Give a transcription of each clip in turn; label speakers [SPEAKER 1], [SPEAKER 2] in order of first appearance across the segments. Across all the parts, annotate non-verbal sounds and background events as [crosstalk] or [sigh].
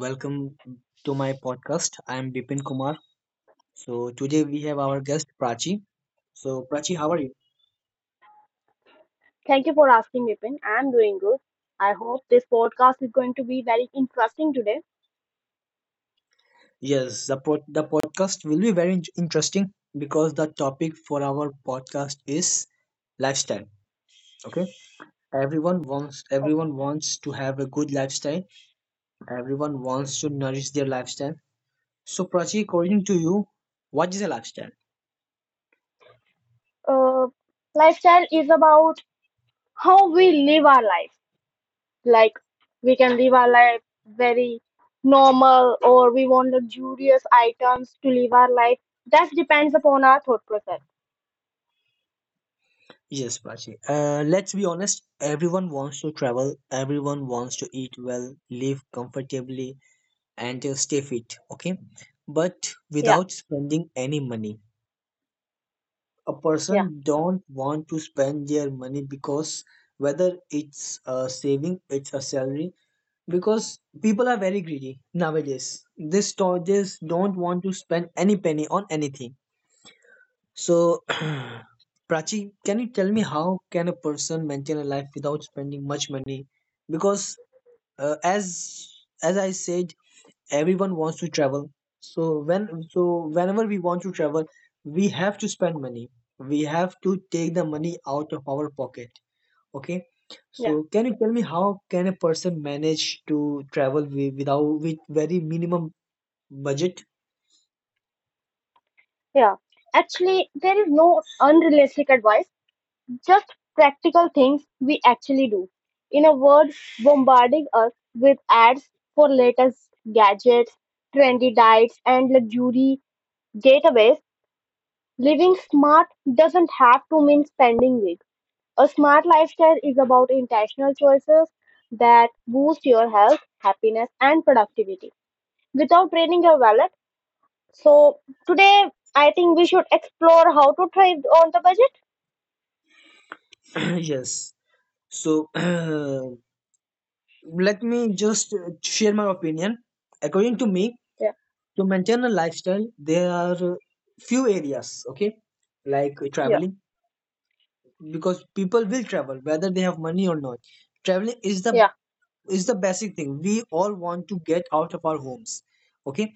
[SPEAKER 1] Welcome to my podcast. I am Bipin Kumar. So today we have our guest Prachi. So Prachi, how are you?
[SPEAKER 2] Thank you for asking, Vipin. I'm doing good. I hope this podcast is going to be very interesting today.
[SPEAKER 1] Yes, the podcast will be very interesting because the topic for our podcast is lifestyle. Okay, everyone wants
[SPEAKER 2] Okay.
[SPEAKER 1] everyone wants to have a good lifestyle. Everyone wants to nourish their lifestyle. So Prachi, according to you, what is a lifestyle?
[SPEAKER 2] Uh, Lifestyle is about how we live our life. Like we can live our life very normal, or we want luxurious items to live our life. That depends upon our thought process.
[SPEAKER 1] Yes, Prachi. Let's be honest. Everyone wants to travel. Everyone wants to eat well, live comfortably, and stay fit. Okay, but
[SPEAKER 2] Yeah,
[SPEAKER 1] without spending any money, a
[SPEAKER 2] yeah,
[SPEAKER 1] person don't want to spend their money, because whether it's a saving, it's a salary. Because people are very greedy nowadays. This don't want to spend any penny on anything. So, [clears throat] Prachi, can you tell me how can a person maintain a life without spending much money? Because uh, as as I said, everyone wants to travel. So whenever we want to travel, we have to spend money. We have to take the money out of our pocket. Okay.
[SPEAKER 2] yeah,
[SPEAKER 1] So can you tell me how can a person manage to travel wi- without with very minimum budget? [clears throat]
[SPEAKER 2] yeah. Actually, there is no unrealistic advice. Just practical things we actually do. In a word, bombarding us with ads for latest gadgets, trendy diets, and luxury getaways. Living smart doesn't have to mean spending big. A smart lifestyle is about intentional choices that boost your health, happiness, and productivity without draining your wallet. So today, I think we should explore how to thrive on the budget.
[SPEAKER 1] Yes. So [clears throat] let me just share my opinion. According to me,
[SPEAKER 2] Yeah,
[SPEAKER 1] to maintain a lifestyle, there are few areas, okay, like
[SPEAKER 2] yeah,
[SPEAKER 1] traveling, because people will travel whether they have money or not. Traveling
[SPEAKER 2] yeah,
[SPEAKER 1] is the basic thing. We all want to get out of our homes. Okay,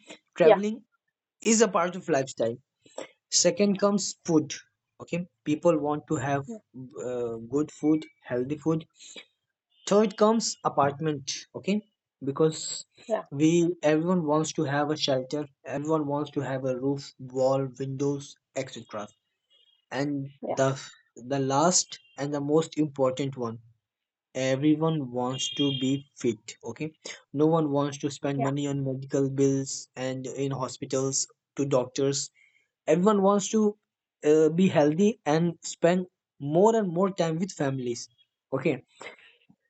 [SPEAKER 2] yeah,
[SPEAKER 1] traveling is a part of lifestyle. Second comes food. Okay, people want to have good food, healthy food. So it comes apartment. Okay, because
[SPEAKER 2] yeah,
[SPEAKER 1] we, everyone wants to have a shelter, everyone wants to have a roof, wall, windows, etc. And
[SPEAKER 2] yeah,
[SPEAKER 1] the the last and the most important one, everyone wants to be fit. Okay, no one wants to spend
[SPEAKER 2] yeah.
[SPEAKER 1] money on medical bills and in hospitals to doctors. Everyone wants to be healthy and spend more and more time with families. Okay,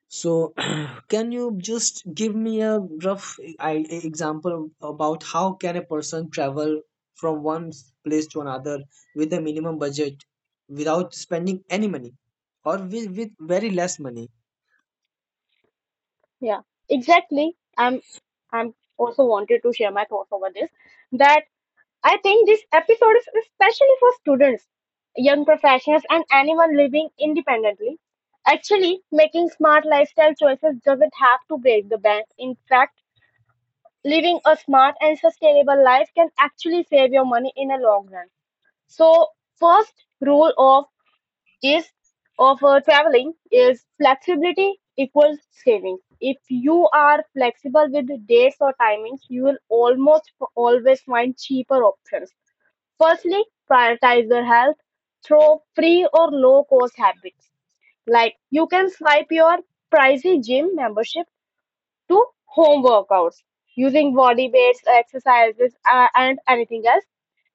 [SPEAKER 1] so [clears throat] can you just give me a rough example about how can a person travel from one place to another with a minimum budget, without spending any money, or with very less money?
[SPEAKER 2] Yeah, exactly. I'm also wanted to share my thoughts over this that I think this episode is especially for students, young professionals, and anyone living independently. Actually, making smart lifestyle choices doesn't have to break the bank. In fact, living a smart and sustainable life can actually save your money in a long run. So, first rule of gist of traveling is flexibility equals savings. If you are flexible with dates or timings, you will almost always find cheaper options. Firstly, prioritize your health through free or low cost habits. Like you can swipe your pricey gym membership to home workouts using body weights, exercises, and anything else,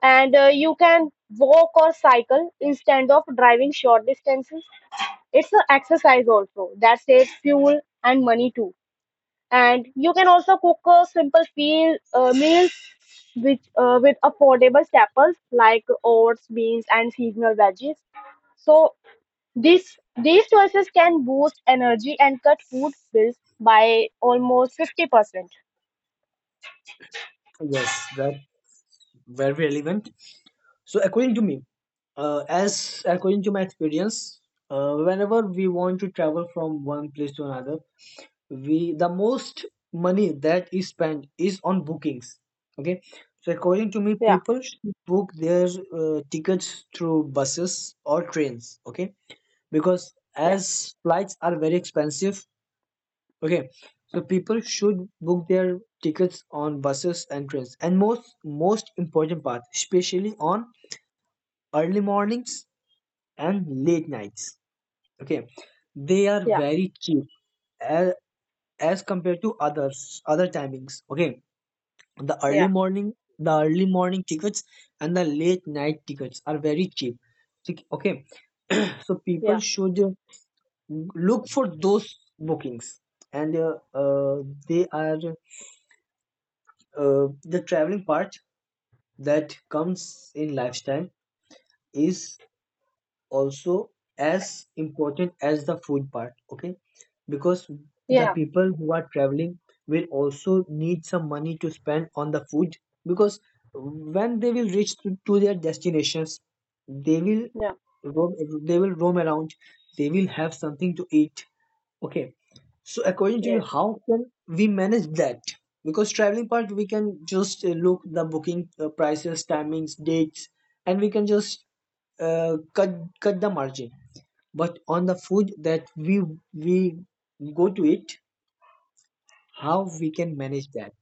[SPEAKER 2] and you can walk or cycle instead of driving short distances. It's an exercise also that saves fuel and money too. And you can also cook a simple feel, meals which with affordable staples like oats, beans, and seasonal veggies. So these these choices can boost energy and cut food bills by almost 50%.
[SPEAKER 1] Yes, that very relevant. So, according to me, as according to my experience, whenever we want to travel from one place to another, we the most money that is spent is on bookings. Okay, so according to me,
[SPEAKER 2] Yeah,
[SPEAKER 1] people should book their tickets through buses or trains. Okay, because
[SPEAKER 2] yeah,
[SPEAKER 1] as flights are very expensive. Okay, so people should book their tickets on buses and trains. And most important part, especially on early mornings and late nights. Okay, they are
[SPEAKER 2] yeah,
[SPEAKER 1] very cheap as, as compared to others, other timings. Okay, the early
[SPEAKER 2] yeah,
[SPEAKER 1] morning the early morning tickets and the late night tickets are very cheap. Okay, so people
[SPEAKER 2] yeah,
[SPEAKER 1] should look for those bookings. And they are, the traveling part that comes in lifetime is also as important as the food part. Okay, because the
[SPEAKER 2] yeah,
[SPEAKER 1] people who are traveling will also need some money to spend on the food. Because when they will reach to their destinations, they will
[SPEAKER 2] yeah,
[SPEAKER 1] roam they will roam around They will have something to eat. Okay, so according to you,
[SPEAKER 2] yeah,
[SPEAKER 1] how can we manage that? Because traveling part we can just look the booking prices, timings, dates, and we can just cut the margin. But on the food that we go to eat, how we can manage that?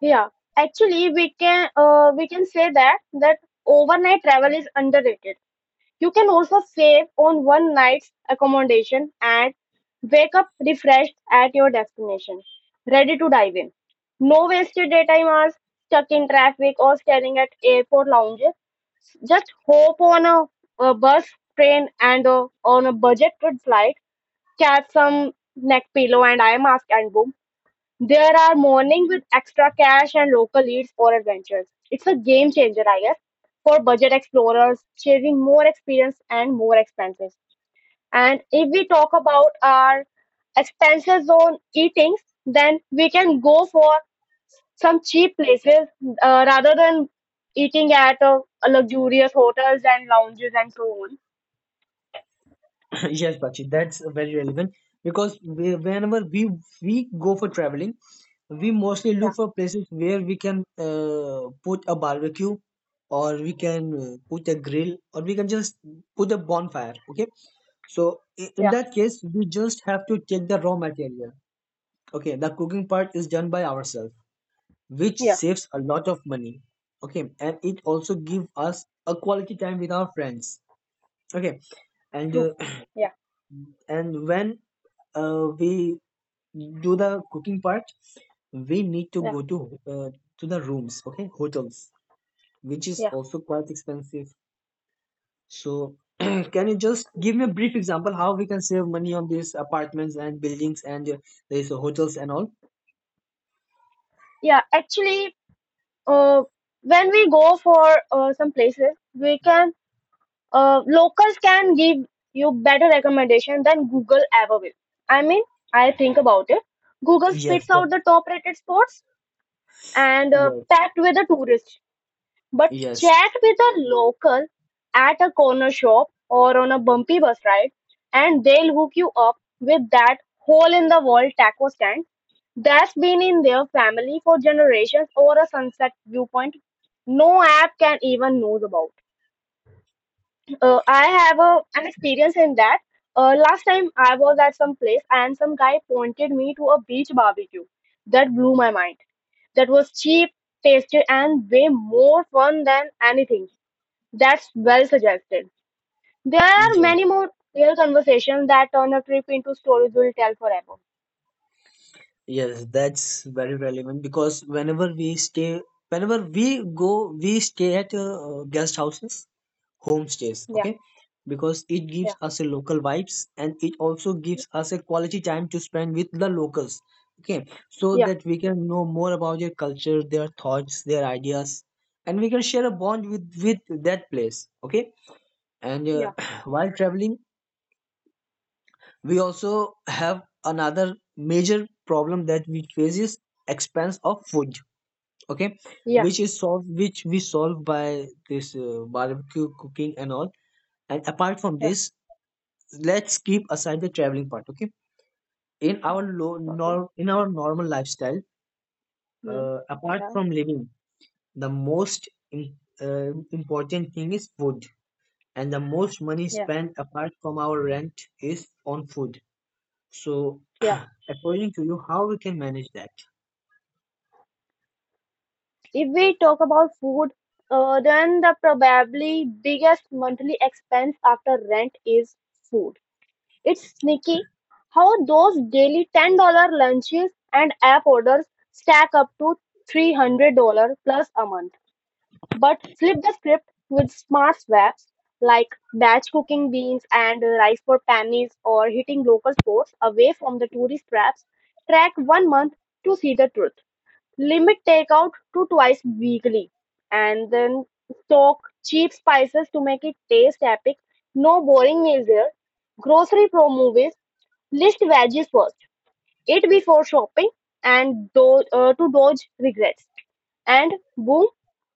[SPEAKER 2] yeah. Actually, we can say that overnight travel is underrated. You can also save on one night's accommodation and wake up refreshed at your destination, ready to dive in. No wasted daytime hours stuck in traffic or staring at airport lounges. Just hop on a bus, train, and on a budget good flight. Catch some neck pillow and eye mask, and boom. There are morning with extra cash and local leads for adventures. It's a game changer, I guess, for budget explorers, sharing more experience and more expenses. And if we talk about our expenses on eatings, then we can go for some cheap places rather than eating at luxurious hotels and lounges and so on.
[SPEAKER 1] [laughs] [clears throat] Yes Bakshi, that's very relevant. Because whenever we go for traveling, we mostly
[SPEAKER 2] Yeah,
[SPEAKER 1] look for places where we can put a barbecue, or we can put a grill, or we can just put a bonfire. Okay, so in
[SPEAKER 2] yeah,
[SPEAKER 1] that case, we just have to take the raw material. Okay, the cooking part is done by ourselves, which
[SPEAKER 2] yeah,
[SPEAKER 1] saves a lot of money. Okay, and it also give us a quality time with our friends. Okay, and
[SPEAKER 2] true. Yeah,
[SPEAKER 1] [clears throat] and when we do the cooking part, we need to
[SPEAKER 2] yeah,
[SPEAKER 1] go to the rooms, okay, hotels, which is
[SPEAKER 2] yeah.
[SPEAKER 1] also quite expensive. So [clears throat] can you just give me a brief example how we can save money on these apartments and buildings and there's hotels and all?
[SPEAKER 2] Yeah, actually. uh, when we go for some places, we can locals can give you better recommendation than Google ever will. I mean, I think about it. Google
[SPEAKER 1] Yes,
[SPEAKER 2] spits out the top rated spots and
[SPEAKER 1] yes,
[SPEAKER 2] packed with the tourists, but
[SPEAKER 1] yes,
[SPEAKER 2] chat with a local at a corner shop or on a bumpy bus ride, and they'll hook you up with that hole in the wall taco stand that's been in their family for generations or a sunset viewpoint no app can even knows about. I have an experience in that. Last time I was at some place and some guy pointed me to a beach barbecue that blew my mind. That was cheap, tasty, and way more fun than anything. That's well suggested. There are
[SPEAKER 1] yes,
[SPEAKER 2] many more real conversations that turn a trip into stories we'll tell forever.
[SPEAKER 1] yes, that's very relevant. Because whenever we go, we stay at guest houses, homestays,
[SPEAKER 2] Yeah,
[SPEAKER 1] okay? Because it gives
[SPEAKER 2] yeah,
[SPEAKER 1] us a local vibes, and it also gives us a quality time to spend with the locals, okay? So
[SPEAKER 2] yeah,
[SPEAKER 1] that we can know more about their culture, their thoughts, their ideas, and we can share a bond with that place, okay? And
[SPEAKER 2] yeah,
[SPEAKER 1] [clears throat] while traveling, we also have another major problem that we face, is expense of food, okay,
[SPEAKER 2] yeah,
[SPEAKER 1] which is solved, which we solve by this barbecue cooking and all. And apart from
[SPEAKER 2] yeah,
[SPEAKER 1] this, let's keep aside the traveling part, okay? in
[SPEAKER 2] yeah.
[SPEAKER 1] our low
[SPEAKER 2] Okay.
[SPEAKER 1] nor, In our normal lifestyle,
[SPEAKER 2] Hmm.
[SPEAKER 1] apart
[SPEAKER 2] Yeah,
[SPEAKER 1] from living, the most important thing is food. And the most money
[SPEAKER 2] yeah,
[SPEAKER 1] spent apart from our rent is on food. So,
[SPEAKER 2] yeah.
[SPEAKER 1] [clears throat] according to you, how we can manage that?
[SPEAKER 2] If we talk about food, then the probably biggest monthly expense after rent is food. It's sneaky how those daily $10 lunches and app orders stack up to $300 plus a month. But flip the script with smart swaps like batch cooking beans and rice for pannies or hitting local sports away from the tourist traps. Track one month to see the truth. Limit takeout to twice weekly and then stock cheap spices to make it taste epic. No boring meals there. Grocery pro movies. List veggies first. Eat before shopping and to dodge regrets. And boom,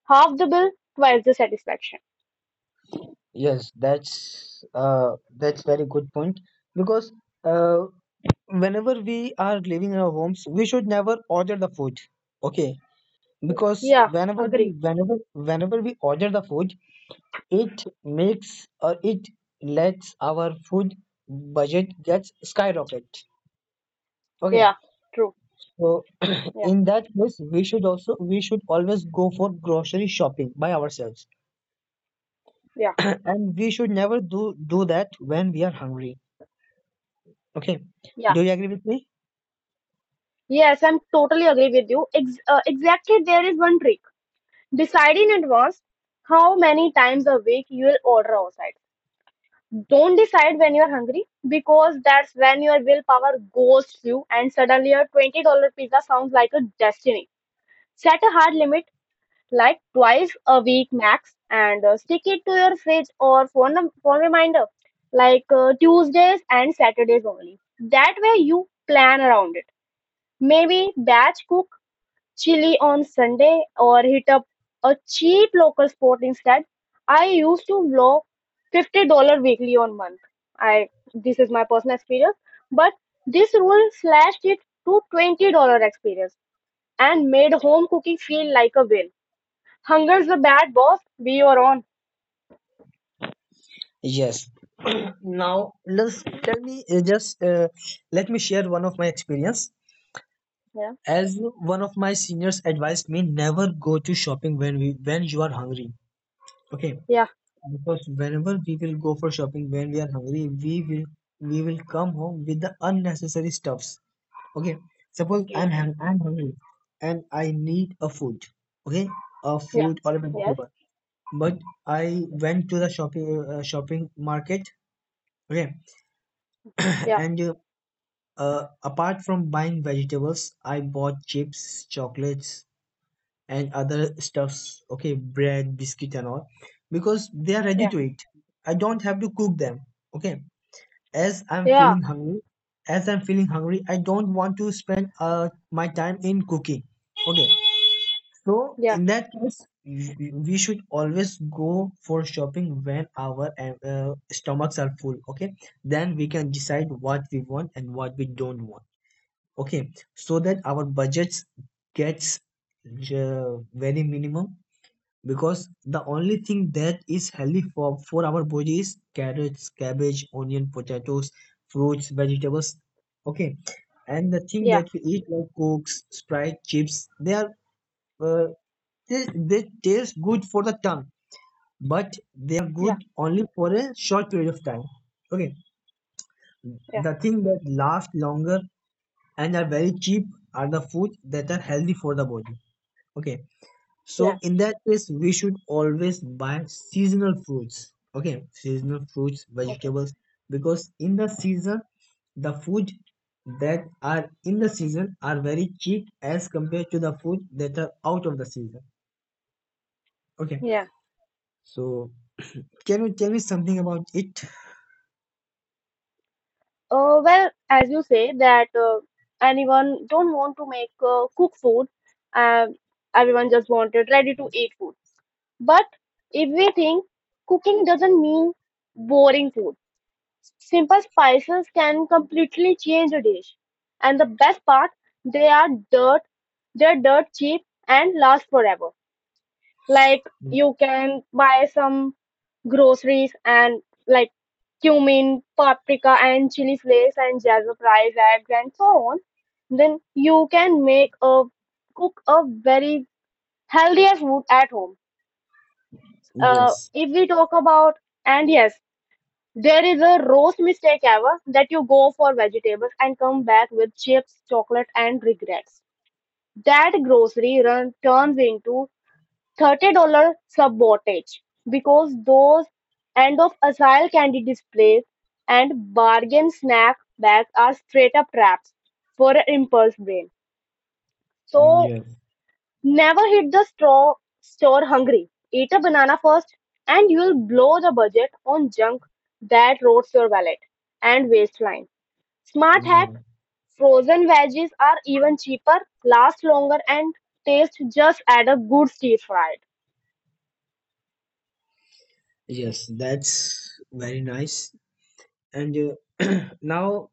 [SPEAKER 2] half the bill, twice the satisfaction.
[SPEAKER 1] Yes, that's very good point. Because uh, whenever we are living in our homes, we should never order the food. Okay, because
[SPEAKER 2] Yeah,
[SPEAKER 1] whenever we
[SPEAKER 2] agree.
[SPEAKER 1] whenever whenever we order the food, it makes, or it lets our food budget gets skyrocket. Okay,
[SPEAKER 2] Yeah, true.
[SPEAKER 1] so [clears throat]
[SPEAKER 2] Yeah,
[SPEAKER 1] in that case, we should always go for grocery shopping by ourselves. [coughs]
[SPEAKER 2] yeah,
[SPEAKER 1] [clears throat] And we should never do that when we are hungry, okay?
[SPEAKER 2] yeah.
[SPEAKER 1] Do you agree with me?
[SPEAKER 2] Yes, I'm totally agree with you. Exactly, there is one trick. Decide in advance how many times a week you will order outside. Don't decide when you are hungry because that's when your willpower goes through, and suddenly your $20 pizza sounds like a destiny. Set a hard limit like twice a week max and stick it to your fridge or phone reminder like Tuesdays and Saturdays only. That way you plan around it. Maybe batch cook chili on Sunday or hit up a cheap local spot instead. I used to blow $50 weekly on month. I This is my personal experience, but this rule slashed it to $20 experience and made home cooking feel like a win. Hunger's a bad boss. We are on.
[SPEAKER 1] Yes. Now let's tell me, just let me share one of my experience.
[SPEAKER 2] Yeah.
[SPEAKER 1] As one of my seniors advised me, never go to shopping when we when you are hungry. Okay,
[SPEAKER 2] Yeah.
[SPEAKER 1] because whenever we will go for shopping when we are hungry, we will come home with the unnecessary stuffs. Okay, suppose
[SPEAKER 2] Okay.
[SPEAKER 1] I'm hungry and I need a food. Okay, a
[SPEAKER 2] Yeah.
[SPEAKER 1] fruit or a
[SPEAKER 2] Yes.
[SPEAKER 1] vegetable. But I went to the shopping shopping market. Okay, [laughs]
[SPEAKER 2] Yeah.
[SPEAKER 1] and apart from buying vegetables, I bought chips, chocolates, and other stuffs. Okay, bread, biscuit, and all, because they are ready
[SPEAKER 2] Yeah.
[SPEAKER 1] to eat. I don't have to cook them. Okay, as I'm
[SPEAKER 2] Yeah.
[SPEAKER 1] feeling hungry, as I'm feeling hungry, I don't want to spend my time in cooking. Okay, so
[SPEAKER 2] Yeah.
[SPEAKER 1] in that case, we should always go for shopping when our stomachs are full. Okay, then we can decide what we want and what we don't want. Okay, so that our budgets gets very minimum. Because the only thing that is healthy for our body is carrots, cabbage, onion, potatoes, fruits, vegetables. Okay, and the thing
[SPEAKER 2] Yeah.
[SPEAKER 1] that we eat like cokes, sprite, chips, uh, they taste good for the tongue, but they are
[SPEAKER 2] Yeah.
[SPEAKER 1] good only for a short period of time. Okay,
[SPEAKER 2] Yeah.
[SPEAKER 1] the thing that last longer and are very cheap are the food that are healthy for the body. Okay, so
[SPEAKER 2] Yeah.
[SPEAKER 1] in that case, we should always buy seasonal fruits. Okay, seasonal fruits,
[SPEAKER 2] Okay.
[SPEAKER 1] vegetables, because in the season, the food that are in the season are very cheap as compared to the food that are out of the season. Okay,
[SPEAKER 2] Yeah.
[SPEAKER 1] so can you tell me something about it?
[SPEAKER 2] Well, as you say that anyone don't want to make cook food, uh, everyone just wanted ready to eat food. But if we think cooking doesn't mean boring food, simple spices can completely change a dish. And the best part, they are dirt, they're dirt cheap and last forever. Like
[SPEAKER 1] Mm,
[SPEAKER 2] you can buy some groceries and like cumin, paprika, and chili flakes, and jaggery rice, eggs, and so on, then you can make a cook a very healthier food at home.
[SPEAKER 1] yes,
[SPEAKER 2] If we talk about and yes, there is a roast mistake ever that you go for vegetables and come back with chips, chocolate, and regrets. That grocery run turns into 30-dollar sub-wattage, because those end-of-aisle candy displays and bargain snack bags are straight-up traps for an impulse brain. So
[SPEAKER 1] yes, yeah,
[SPEAKER 2] never hit the straw store hungry. Eat a banana first, and you'll blow the budget on junk that rots your wallet and waistline. Smart
[SPEAKER 1] mm,
[SPEAKER 2] hack:
[SPEAKER 1] yeah,
[SPEAKER 2] frozen veggies are even cheaper, last longer, and taste just as a good stir fried.
[SPEAKER 1] yes, that's very nice. And [clears throat] now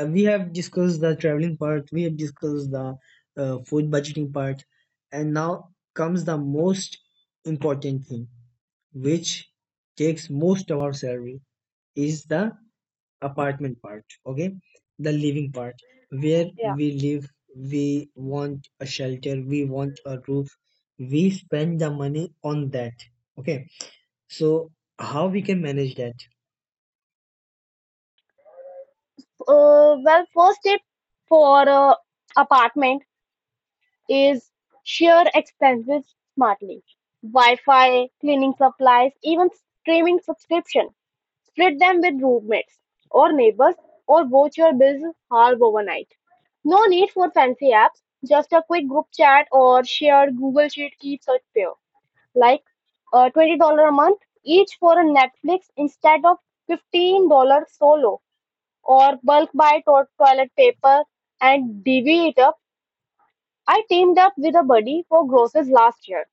[SPEAKER 1] we have discussed the traveling part, we have discussed the food budgeting part, and now comes the most important thing, which takes most of our salary, is the apartment part. Okay, the living part, where
[SPEAKER 2] Yeah.
[SPEAKER 1] we live, we want a shelter, we want a roof, we spend the money on that. Okay, so how we can manage that?
[SPEAKER 2] Well, first tip for apartment is share expenses smartly. Wi-Fi, cleaning supplies, even streaming subscription. Split them with roommates or neighbors, or watch your bills halve overnight. No need for fancy apps. Just a quick group chat or shared Google Sheet keeps it pure. Like $20 a month each for a Netflix instead of $15 solo or bulk buy toilet paper and divvy it up. I teamed up with a buddy for groceries last year.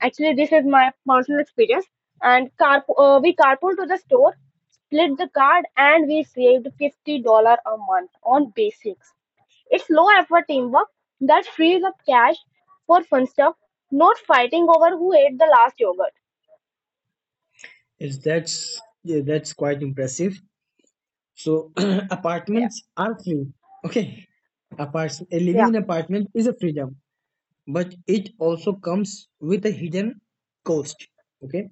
[SPEAKER 2] Actually, this is my personal experience. And we carpool to the store, split the card, and we saved $50 a month on basics. It's low effort teamwork that frees up cash for fun stuff, not fighting over who ate the last yogurt.
[SPEAKER 1] Is that's Yeah, that's quite impressive. So [clears throat]
[SPEAKER 2] Yeah,
[SPEAKER 1] apartments are free. Okay, apart living
[SPEAKER 2] yeah,
[SPEAKER 1] in apartment is a freedom, but it also comes with a hidden cost. Okay,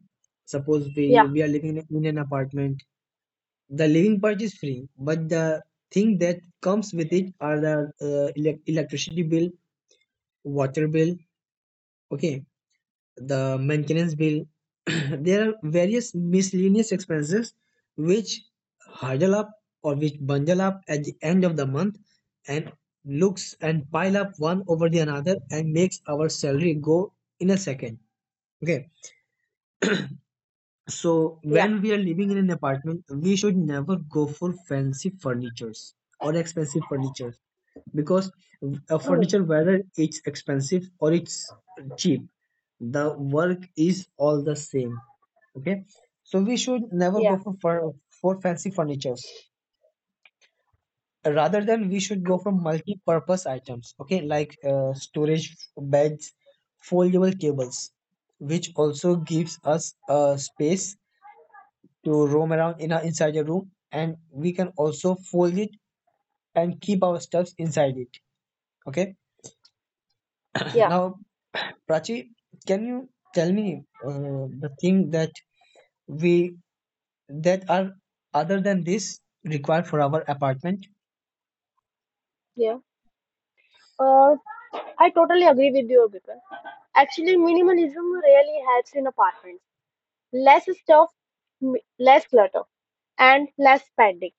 [SPEAKER 1] suppose we
[SPEAKER 2] yeah,
[SPEAKER 1] we are living in an apartment. The living part is free, but the thing that comes with it are the electricity bill, water bill, okay, the maintenance bill. [clears throat] There are various miscellaneous expenses which huddle up or which bundle up at the end of the month, and looks and pile up one over the another and makes our salary go in a second. Okay, so
[SPEAKER 2] yeah.
[SPEAKER 1] when we are living in an apartment, we should never go for fancy furnitures or expensive furniture, because a
[SPEAKER 2] True.
[SPEAKER 1] furniture, whether it's expensive or it's cheap, the work is all the same. Okay, so we should never
[SPEAKER 2] Yeah,
[SPEAKER 1] go for fancy furnitures, rather than we should go for multi-purpose items. Okay, like storage beds, foldable tables, which also gives us a space to roam around in our inside a room, and we can also fold it and keep our stuffs inside it. Okay. [clears throat]
[SPEAKER 2] yeah,
[SPEAKER 1] Now Prachi, can you tell me the thing we that are other than this required for our apartment?
[SPEAKER 2] yeah. Uh, I totally agree with you, Bikar. Actually, minimalism really helps in apartments. Less stuff, less clutter, and less spending.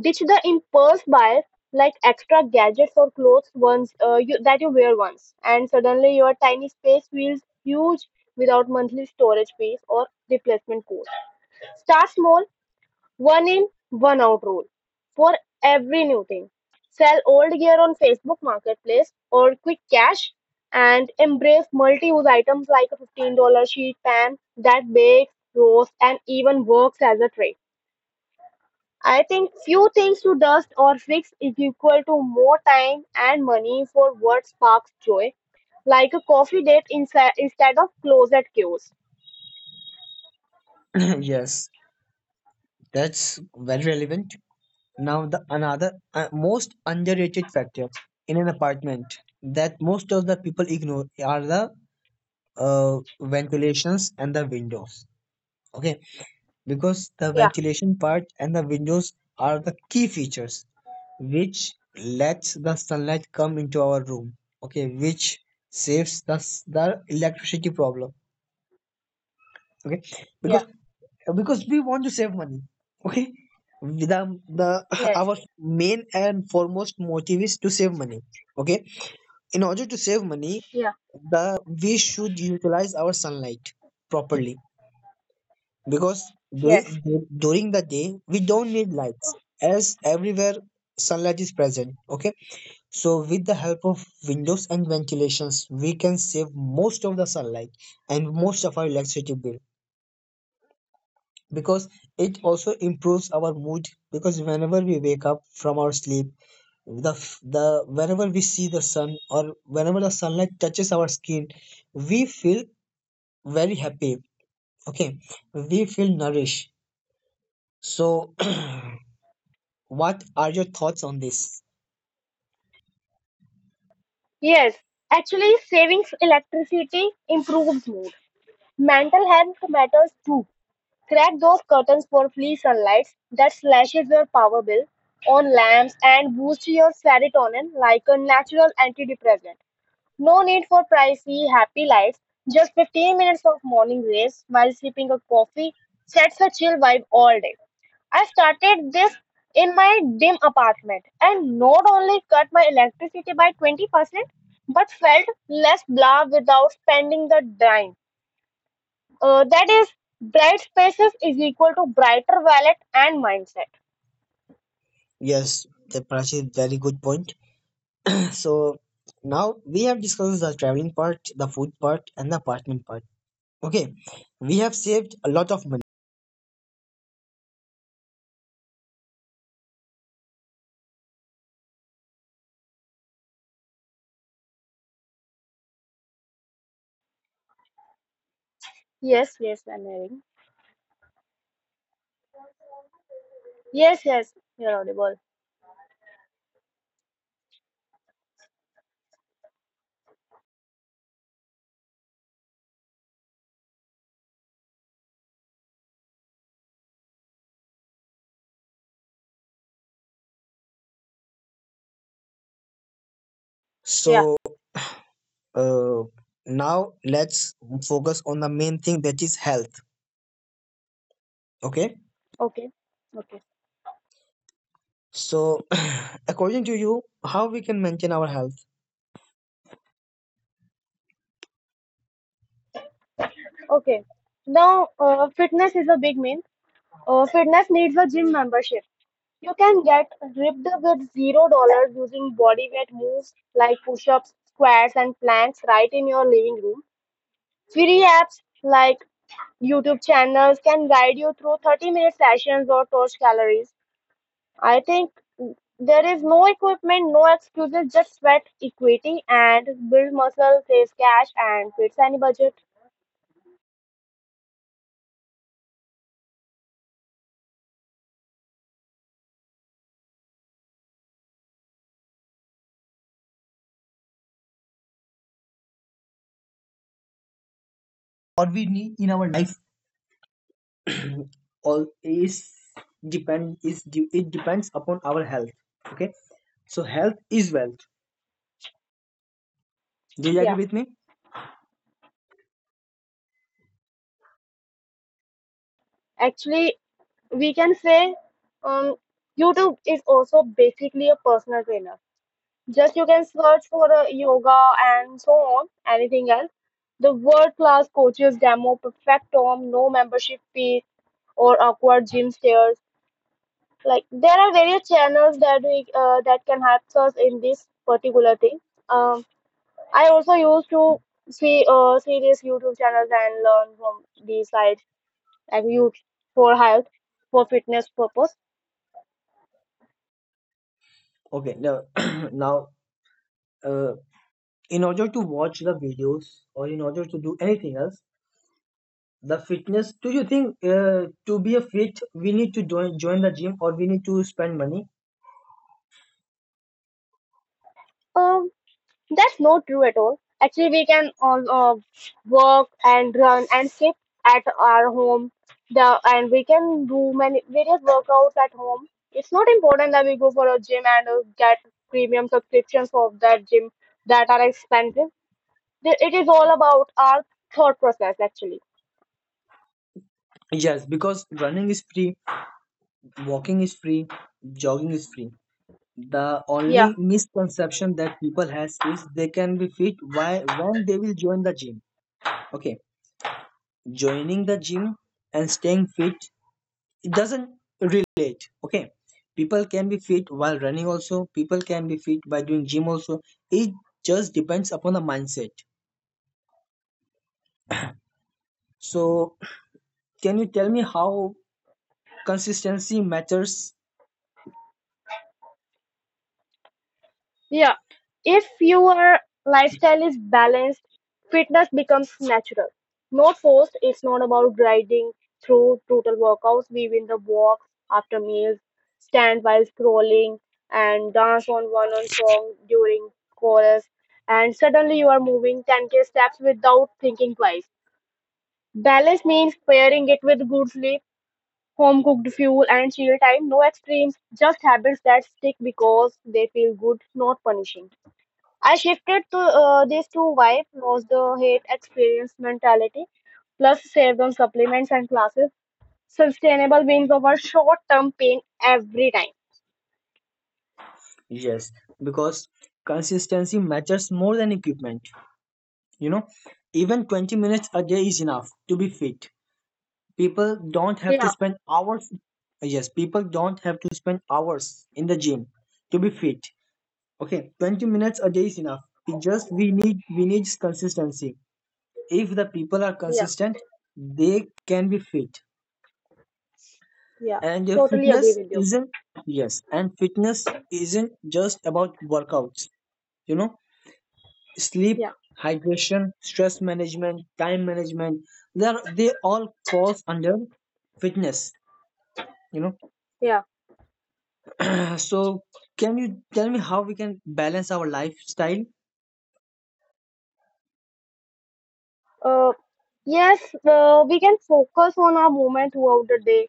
[SPEAKER 2] Ditch the impulse buys like extra gadgets or clothes that you wear once, and suddenly your tiny space feels huge without monthly storage fees or replacement cost. Start small one in, one out rule for every new thing. Sell old gear on Facebook Marketplace or Quick Cash and embrace multi use items like a $15 sheet pan that bakes, roasts, and even works as a tray. I think few things to dust or fix is equal to more time and money for what sparks joy, like a coffee date instead of closet queues.
[SPEAKER 1] [clears throat] Yes, that's very relevant. Now the another most underrated factor in an apartment that most of the people ignore are the ventilations and the windows. Okay, because the
[SPEAKER 2] Yeah,
[SPEAKER 1] ventilation part and the windows are the key features which lets the sunlight come into our room, okay, which saves the electricity problem, okay,
[SPEAKER 2] yeah,
[SPEAKER 1] because because we want to save money. Okay, the the [laughs]
[SPEAKER 2] yes,
[SPEAKER 1] our main and foremost motive is to save money. Okay, in order to save money,
[SPEAKER 2] yeah,
[SPEAKER 1] the we should utilize our sunlight properly, because
[SPEAKER 2] yes.
[SPEAKER 1] during, during the day we don't need lights as everywhere sunlight is present. Okay, so with the help of windows and ventilations, we can save most of the sunlight and most of our electricity bill, because it also improves our mood, because whenever we wake up from our sleep, the f- the whenever we see the sun, or whenever the sunlight touches our skin, we feel very happy. Okay, we feel nourished. So [clears throat] what are your thoughts on this?
[SPEAKER 2] Yes, actually, savings electricity improves mood. Mental health matters too. Crack those curtains for free sunlight that slashes your power bill on lamps and boosts your serotonin like a natural antidepressant. No need for pricey happy lights, just 15 minutes of morning grace while sipping a coffee sets a chill vibe all day. I started this in my dim apartment and not only cut my electricity by 20% but felt less blah without spending the dime. That is, bright spaces is equal to brighter wallet and mindset.
[SPEAKER 1] Yes, the Prachi, is very good point. [clears throat] So now we have discussed the traveling part, the food part, and the apartment part. Okay, we have saved a lot of money.
[SPEAKER 2] Yes, yes, I'm hearing. Yes, yes, you're audible. Yeah,
[SPEAKER 1] So uh, now let's focus on the main thing, that is health. Okay.
[SPEAKER 2] okay, okay.
[SPEAKER 1] So [laughs] [clears throat] according to you, how we can maintain our health?
[SPEAKER 2] Okay. Now, fitness is a big mean. Fitness needs a gym membership. You can get ripped with $0 using body weight moves like push-ups, squats, and planks right in your living room. Free apps like YouTube channels can guide you through 30-minute sessions or torch calories. I think there is no equipment, no excuses, just sweat equity and build muscle, save cash, and fits any budget.
[SPEAKER 1] Or we need in our life [clears throat] all is depend is it depends upon our health. Okay, so health is wealth, do you agree
[SPEAKER 2] Yeah.
[SPEAKER 1] with me?
[SPEAKER 2] Actually, we can say um, YouTube is also basically a personal trainer. Just you can search for a yoga and so on, anything else. The world class coaches demo perfect form, no membership fee or awkward gym stairs. Like there are various channels that we that can help us in this particular thing. Um, I also used to see see these YouTube channels and learn from these sites like YouTube for health, for fitness purpose.
[SPEAKER 1] Okay, now, [clears throat] now uh, in order to watch the videos or in order to do anything else, the fitness, do you think to be a fit, we need to join the gym or we need to spend money?
[SPEAKER 2] Um, That's not true at all. Actually, we can all work and run and skip at our home. The and we can do many various workouts at home. It's not important that we go for a gym and get premium subscriptions of that gym that are expensive. It is all about our thought process, actually.
[SPEAKER 1] Yes, because running is free, walking is free, jogging is free. The
[SPEAKER 2] Yeah.
[SPEAKER 1] only misconception that people has is they can be fit why when they will join the gym. Okay, joining the gym and staying fit, it doesn't relate. Okay, people can be fit while running also, people can be fit by doing gym also. It just depends upon the mindset. So can you tell me how consistency matters?
[SPEAKER 2] Yeah. If your lifestyle is balanced, fitness becomes natural. Not forced, it's not about grinding through brutal workouts. We win the walks after meals, stand while scrolling, and dance on one on song during chorus. And suddenly you are moving 10K steps without thinking twice. Balance means pairing it with good sleep, home cooked fuel, and chill time. No extremes, just habits that stick because they feel good, not punishing. I shifted to these two wife knows the hate experience mentality, plus saved on supplements and classes, sustainable beings over short term pain every time.
[SPEAKER 1] Yes, because consistency matters more than equipment, you know, even 20 minutes a day is enough to be fit. People don't have to
[SPEAKER 2] Yeah,
[SPEAKER 1] spend hours. Yes, people don't have to spend hours in the gym to be fit. Okay, 20 minutes a day is enough. We just we need consistency. If the people are
[SPEAKER 2] yeah,
[SPEAKER 1] consistent, they can be fit.
[SPEAKER 2] yeah.
[SPEAKER 1] And if
[SPEAKER 2] Totally agree
[SPEAKER 1] fitness
[SPEAKER 2] with you.
[SPEAKER 1] isn't, yes, and fitness isn't just about workouts. You know, sleep,
[SPEAKER 2] Yeah,
[SPEAKER 1] hydration, stress management, time management. They all falls under fitness. You know,
[SPEAKER 2] yeah.
[SPEAKER 1] so can you tell me how we can balance our lifestyle?
[SPEAKER 2] Uh, yes, we can focus on our movement throughout the day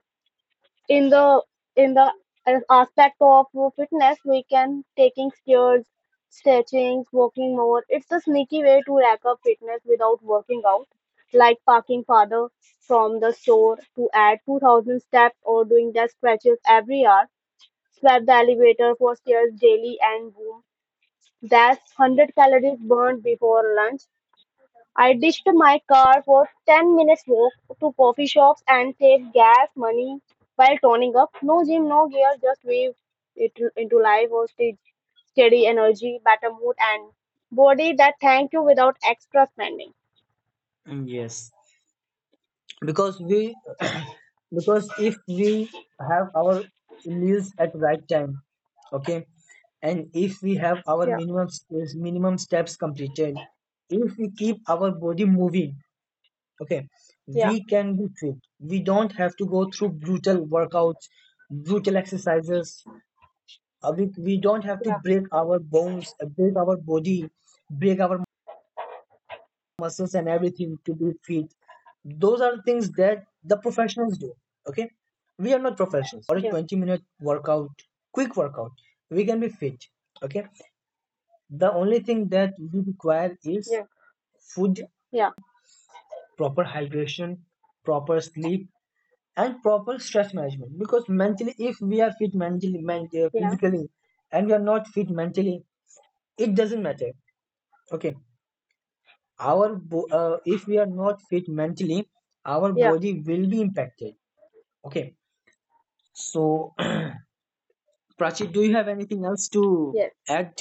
[SPEAKER 2] in the in the aspect of fitness. We can taking stairs, stretching, walking more. It's a sneaky way to rack up fitness without working out, like parking farther from the store to add 2000 steps, or doing the stretches every hour, swap the elevator for stairs daily, and boom, that's 100 calories burned before lunch. I ditched my car for 10 minutes walk to coffee shops and saved gas money while toning up. No gym, no gear, just wave it into life or stage steady energy, better mood, and body that thank you without extra spending.
[SPEAKER 1] Yes. Because we [clears throat] because if we have our meals at right time, okay, and if we have our
[SPEAKER 2] Yeah,
[SPEAKER 1] minimum minimum steps completed, if we keep our body moving, okay,
[SPEAKER 2] yeah,
[SPEAKER 1] we can be fit. We don't have to go through brutal workouts, brutal exercises. We don't have to
[SPEAKER 2] yeah,
[SPEAKER 1] break our bones, break our body, break our muscles, and everything to be fit. Those are things that the professionals do. Okay, we are not professionals. We just want to be fit. So we can. So by doing half an hour or a
[SPEAKER 2] yeah,
[SPEAKER 1] 20-minute workout, quick workout, we can be fit. Okay. The only thing that we require is
[SPEAKER 2] yeah,
[SPEAKER 1] food,
[SPEAKER 2] yeah, yeah,
[SPEAKER 1] proper hydration, proper sleep, and proper stress management, because mentally if we are fit mentally,
[SPEAKER 2] yeah,
[SPEAKER 1] physically, and we are not fit mentally, it doesn't matter. Okay, our if we are not fit mentally, our
[SPEAKER 2] yeah,
[SPEAKER 1] body will be impacted. Okay, so [clears throat] Prachi, do you have anything else to
[SPEAKER 2] yes.
[SPEAKER 1] add?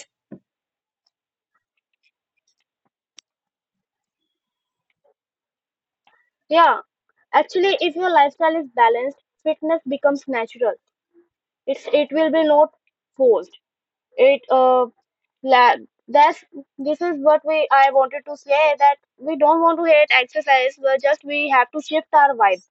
[SPEAKER 2] Yeah. Actually, if your lifestyle is balanced, fitness becomes natural. It will be not forced. It la- that's this is what we I wanted to say, that we don't want to hate exercise, but just we have to shift our vibe.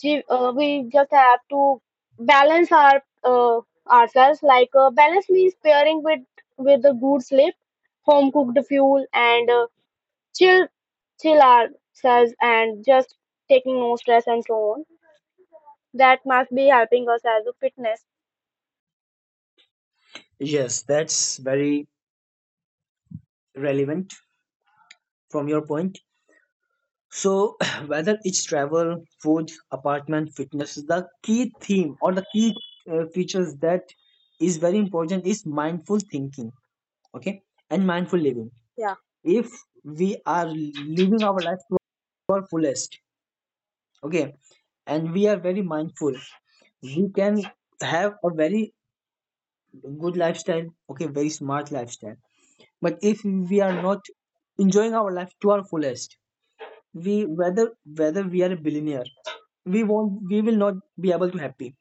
[SPEAKER 2] We just have to balance our ourselves, like balance means pairing with the good sleep, home cooked fuel, and chill chill ourselves and just taking no stress, and so on, that must be helping us as a fitness.
[SPEAKER 1] Yes, that's very relevant from your point. So, [clears throat] whether it's travel, food, apartment, fitness, the key theme or the key features that is very important is mindful thinking, okay, and mindful living.
[SPEAKER 2] Yeah,
[SPEAKER 1] If we are living our life to our fullest, okay, and we are very mindful, we can have a very good lifestyle, okay, very smart lifestyle. But if we are not enjoying our life to our fullest, we whether we are a billionaire, we won't we will not be able to happy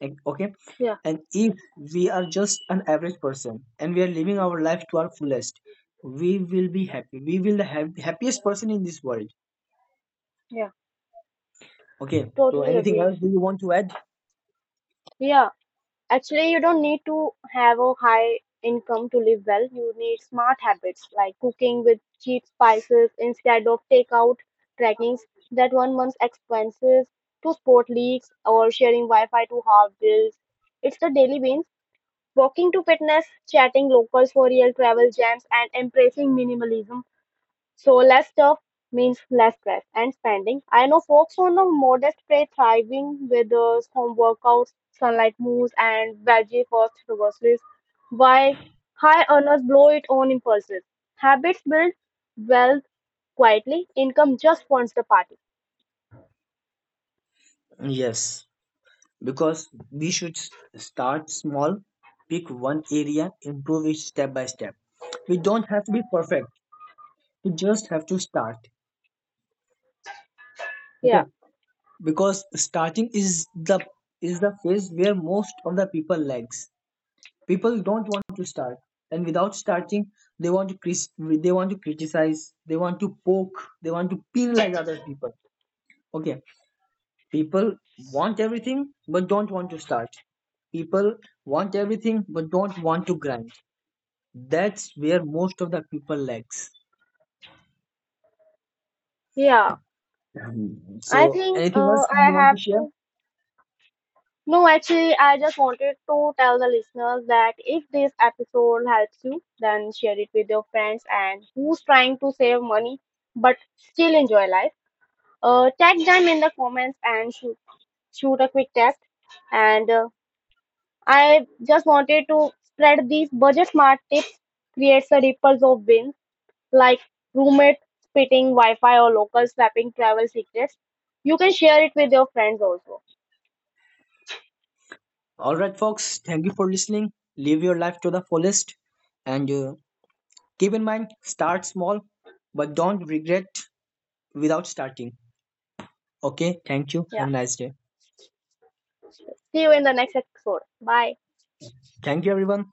[SPEAKER 1] okay,
[SPEAKER 2] yeah,
[SPEAKER 1] and if we are just an average person and we are living our life to our fullest, we will be happy, we will have happiest person in this world.
[SPEAKER 2] yeah,
[SPEAKER 1] Okay, so
[SPEAKER 2] totally
[SPEAKER 1] anything
[SPEAKER 2] agree,
[SPEAKER 1] else do you want to add?
[SPEAKER 2] yeah. Actually, you don't need to have a high income to live well. You need smart habits like cooking with cheap spices instead of takeout, tracking that one month's expenses to sport leagues, or sharing Wi-Fi to half bills. It's the daily beans. Walking to fitness, chatting locals for real travel gems, and embracing minimalism, so less stuff means less stress and spending. I know folks on the modest play thriving with those home workouts, sunlight moves, and veggie first groceries, while high earners blow it on impulses. Habits build wealth quietly. Income just wants the party.
[SPEAKER 1] Yes, because we should start small, pick one area, improve it step by step. We don't have to be perfect, we just have to start.
[SPEAKER 2] Yeah,
[SPEAKER 1] Okay, because starting is the the phase where most of the people lags. People don't want to start, and without starting, they want to criticize, they want to poke, they want to penalize other people. Okay, people want everything but don't want to start, people want everything but don't want to grind. That's where most of the people lacks.
[SPEAKER 2] yeah.
[SPEAKER 1] Um,
[SPEAKER 2] I
[SPEAKER 1] so
[SPEAKER 2] think
[SPEAKER 1] anything else
[SPEAKER 2] I
[SPEAKER 1] you want to
[SPEAKER 2] have
[SPEAKER 1] share?
[SPEAKER 2] to. No, actually, I just wanted to tell the listeners that if this episode helps you, then share it with your friends and who's trying to save money but still enjoy life. Tag them in the comments and shoot a quick test. And I just wanted to spread these budget smart tips, creates a ripples of wins like roommate spitting Wi-Fi or local swapping travel secrets. You can share it with your friends also.
[SPEAKER 1] All right folks, thank you for listening. Live your life to the fullest, and keep in mind, start small but don't regret without starting. Okay, thank you.
[SPEAKER 2] Yeah.
[SPEAKER 1] Have a nice day.
[SPEAKER 2] See you in the next episode. Bye.
[SPEAKER 1] Thank you, everyone.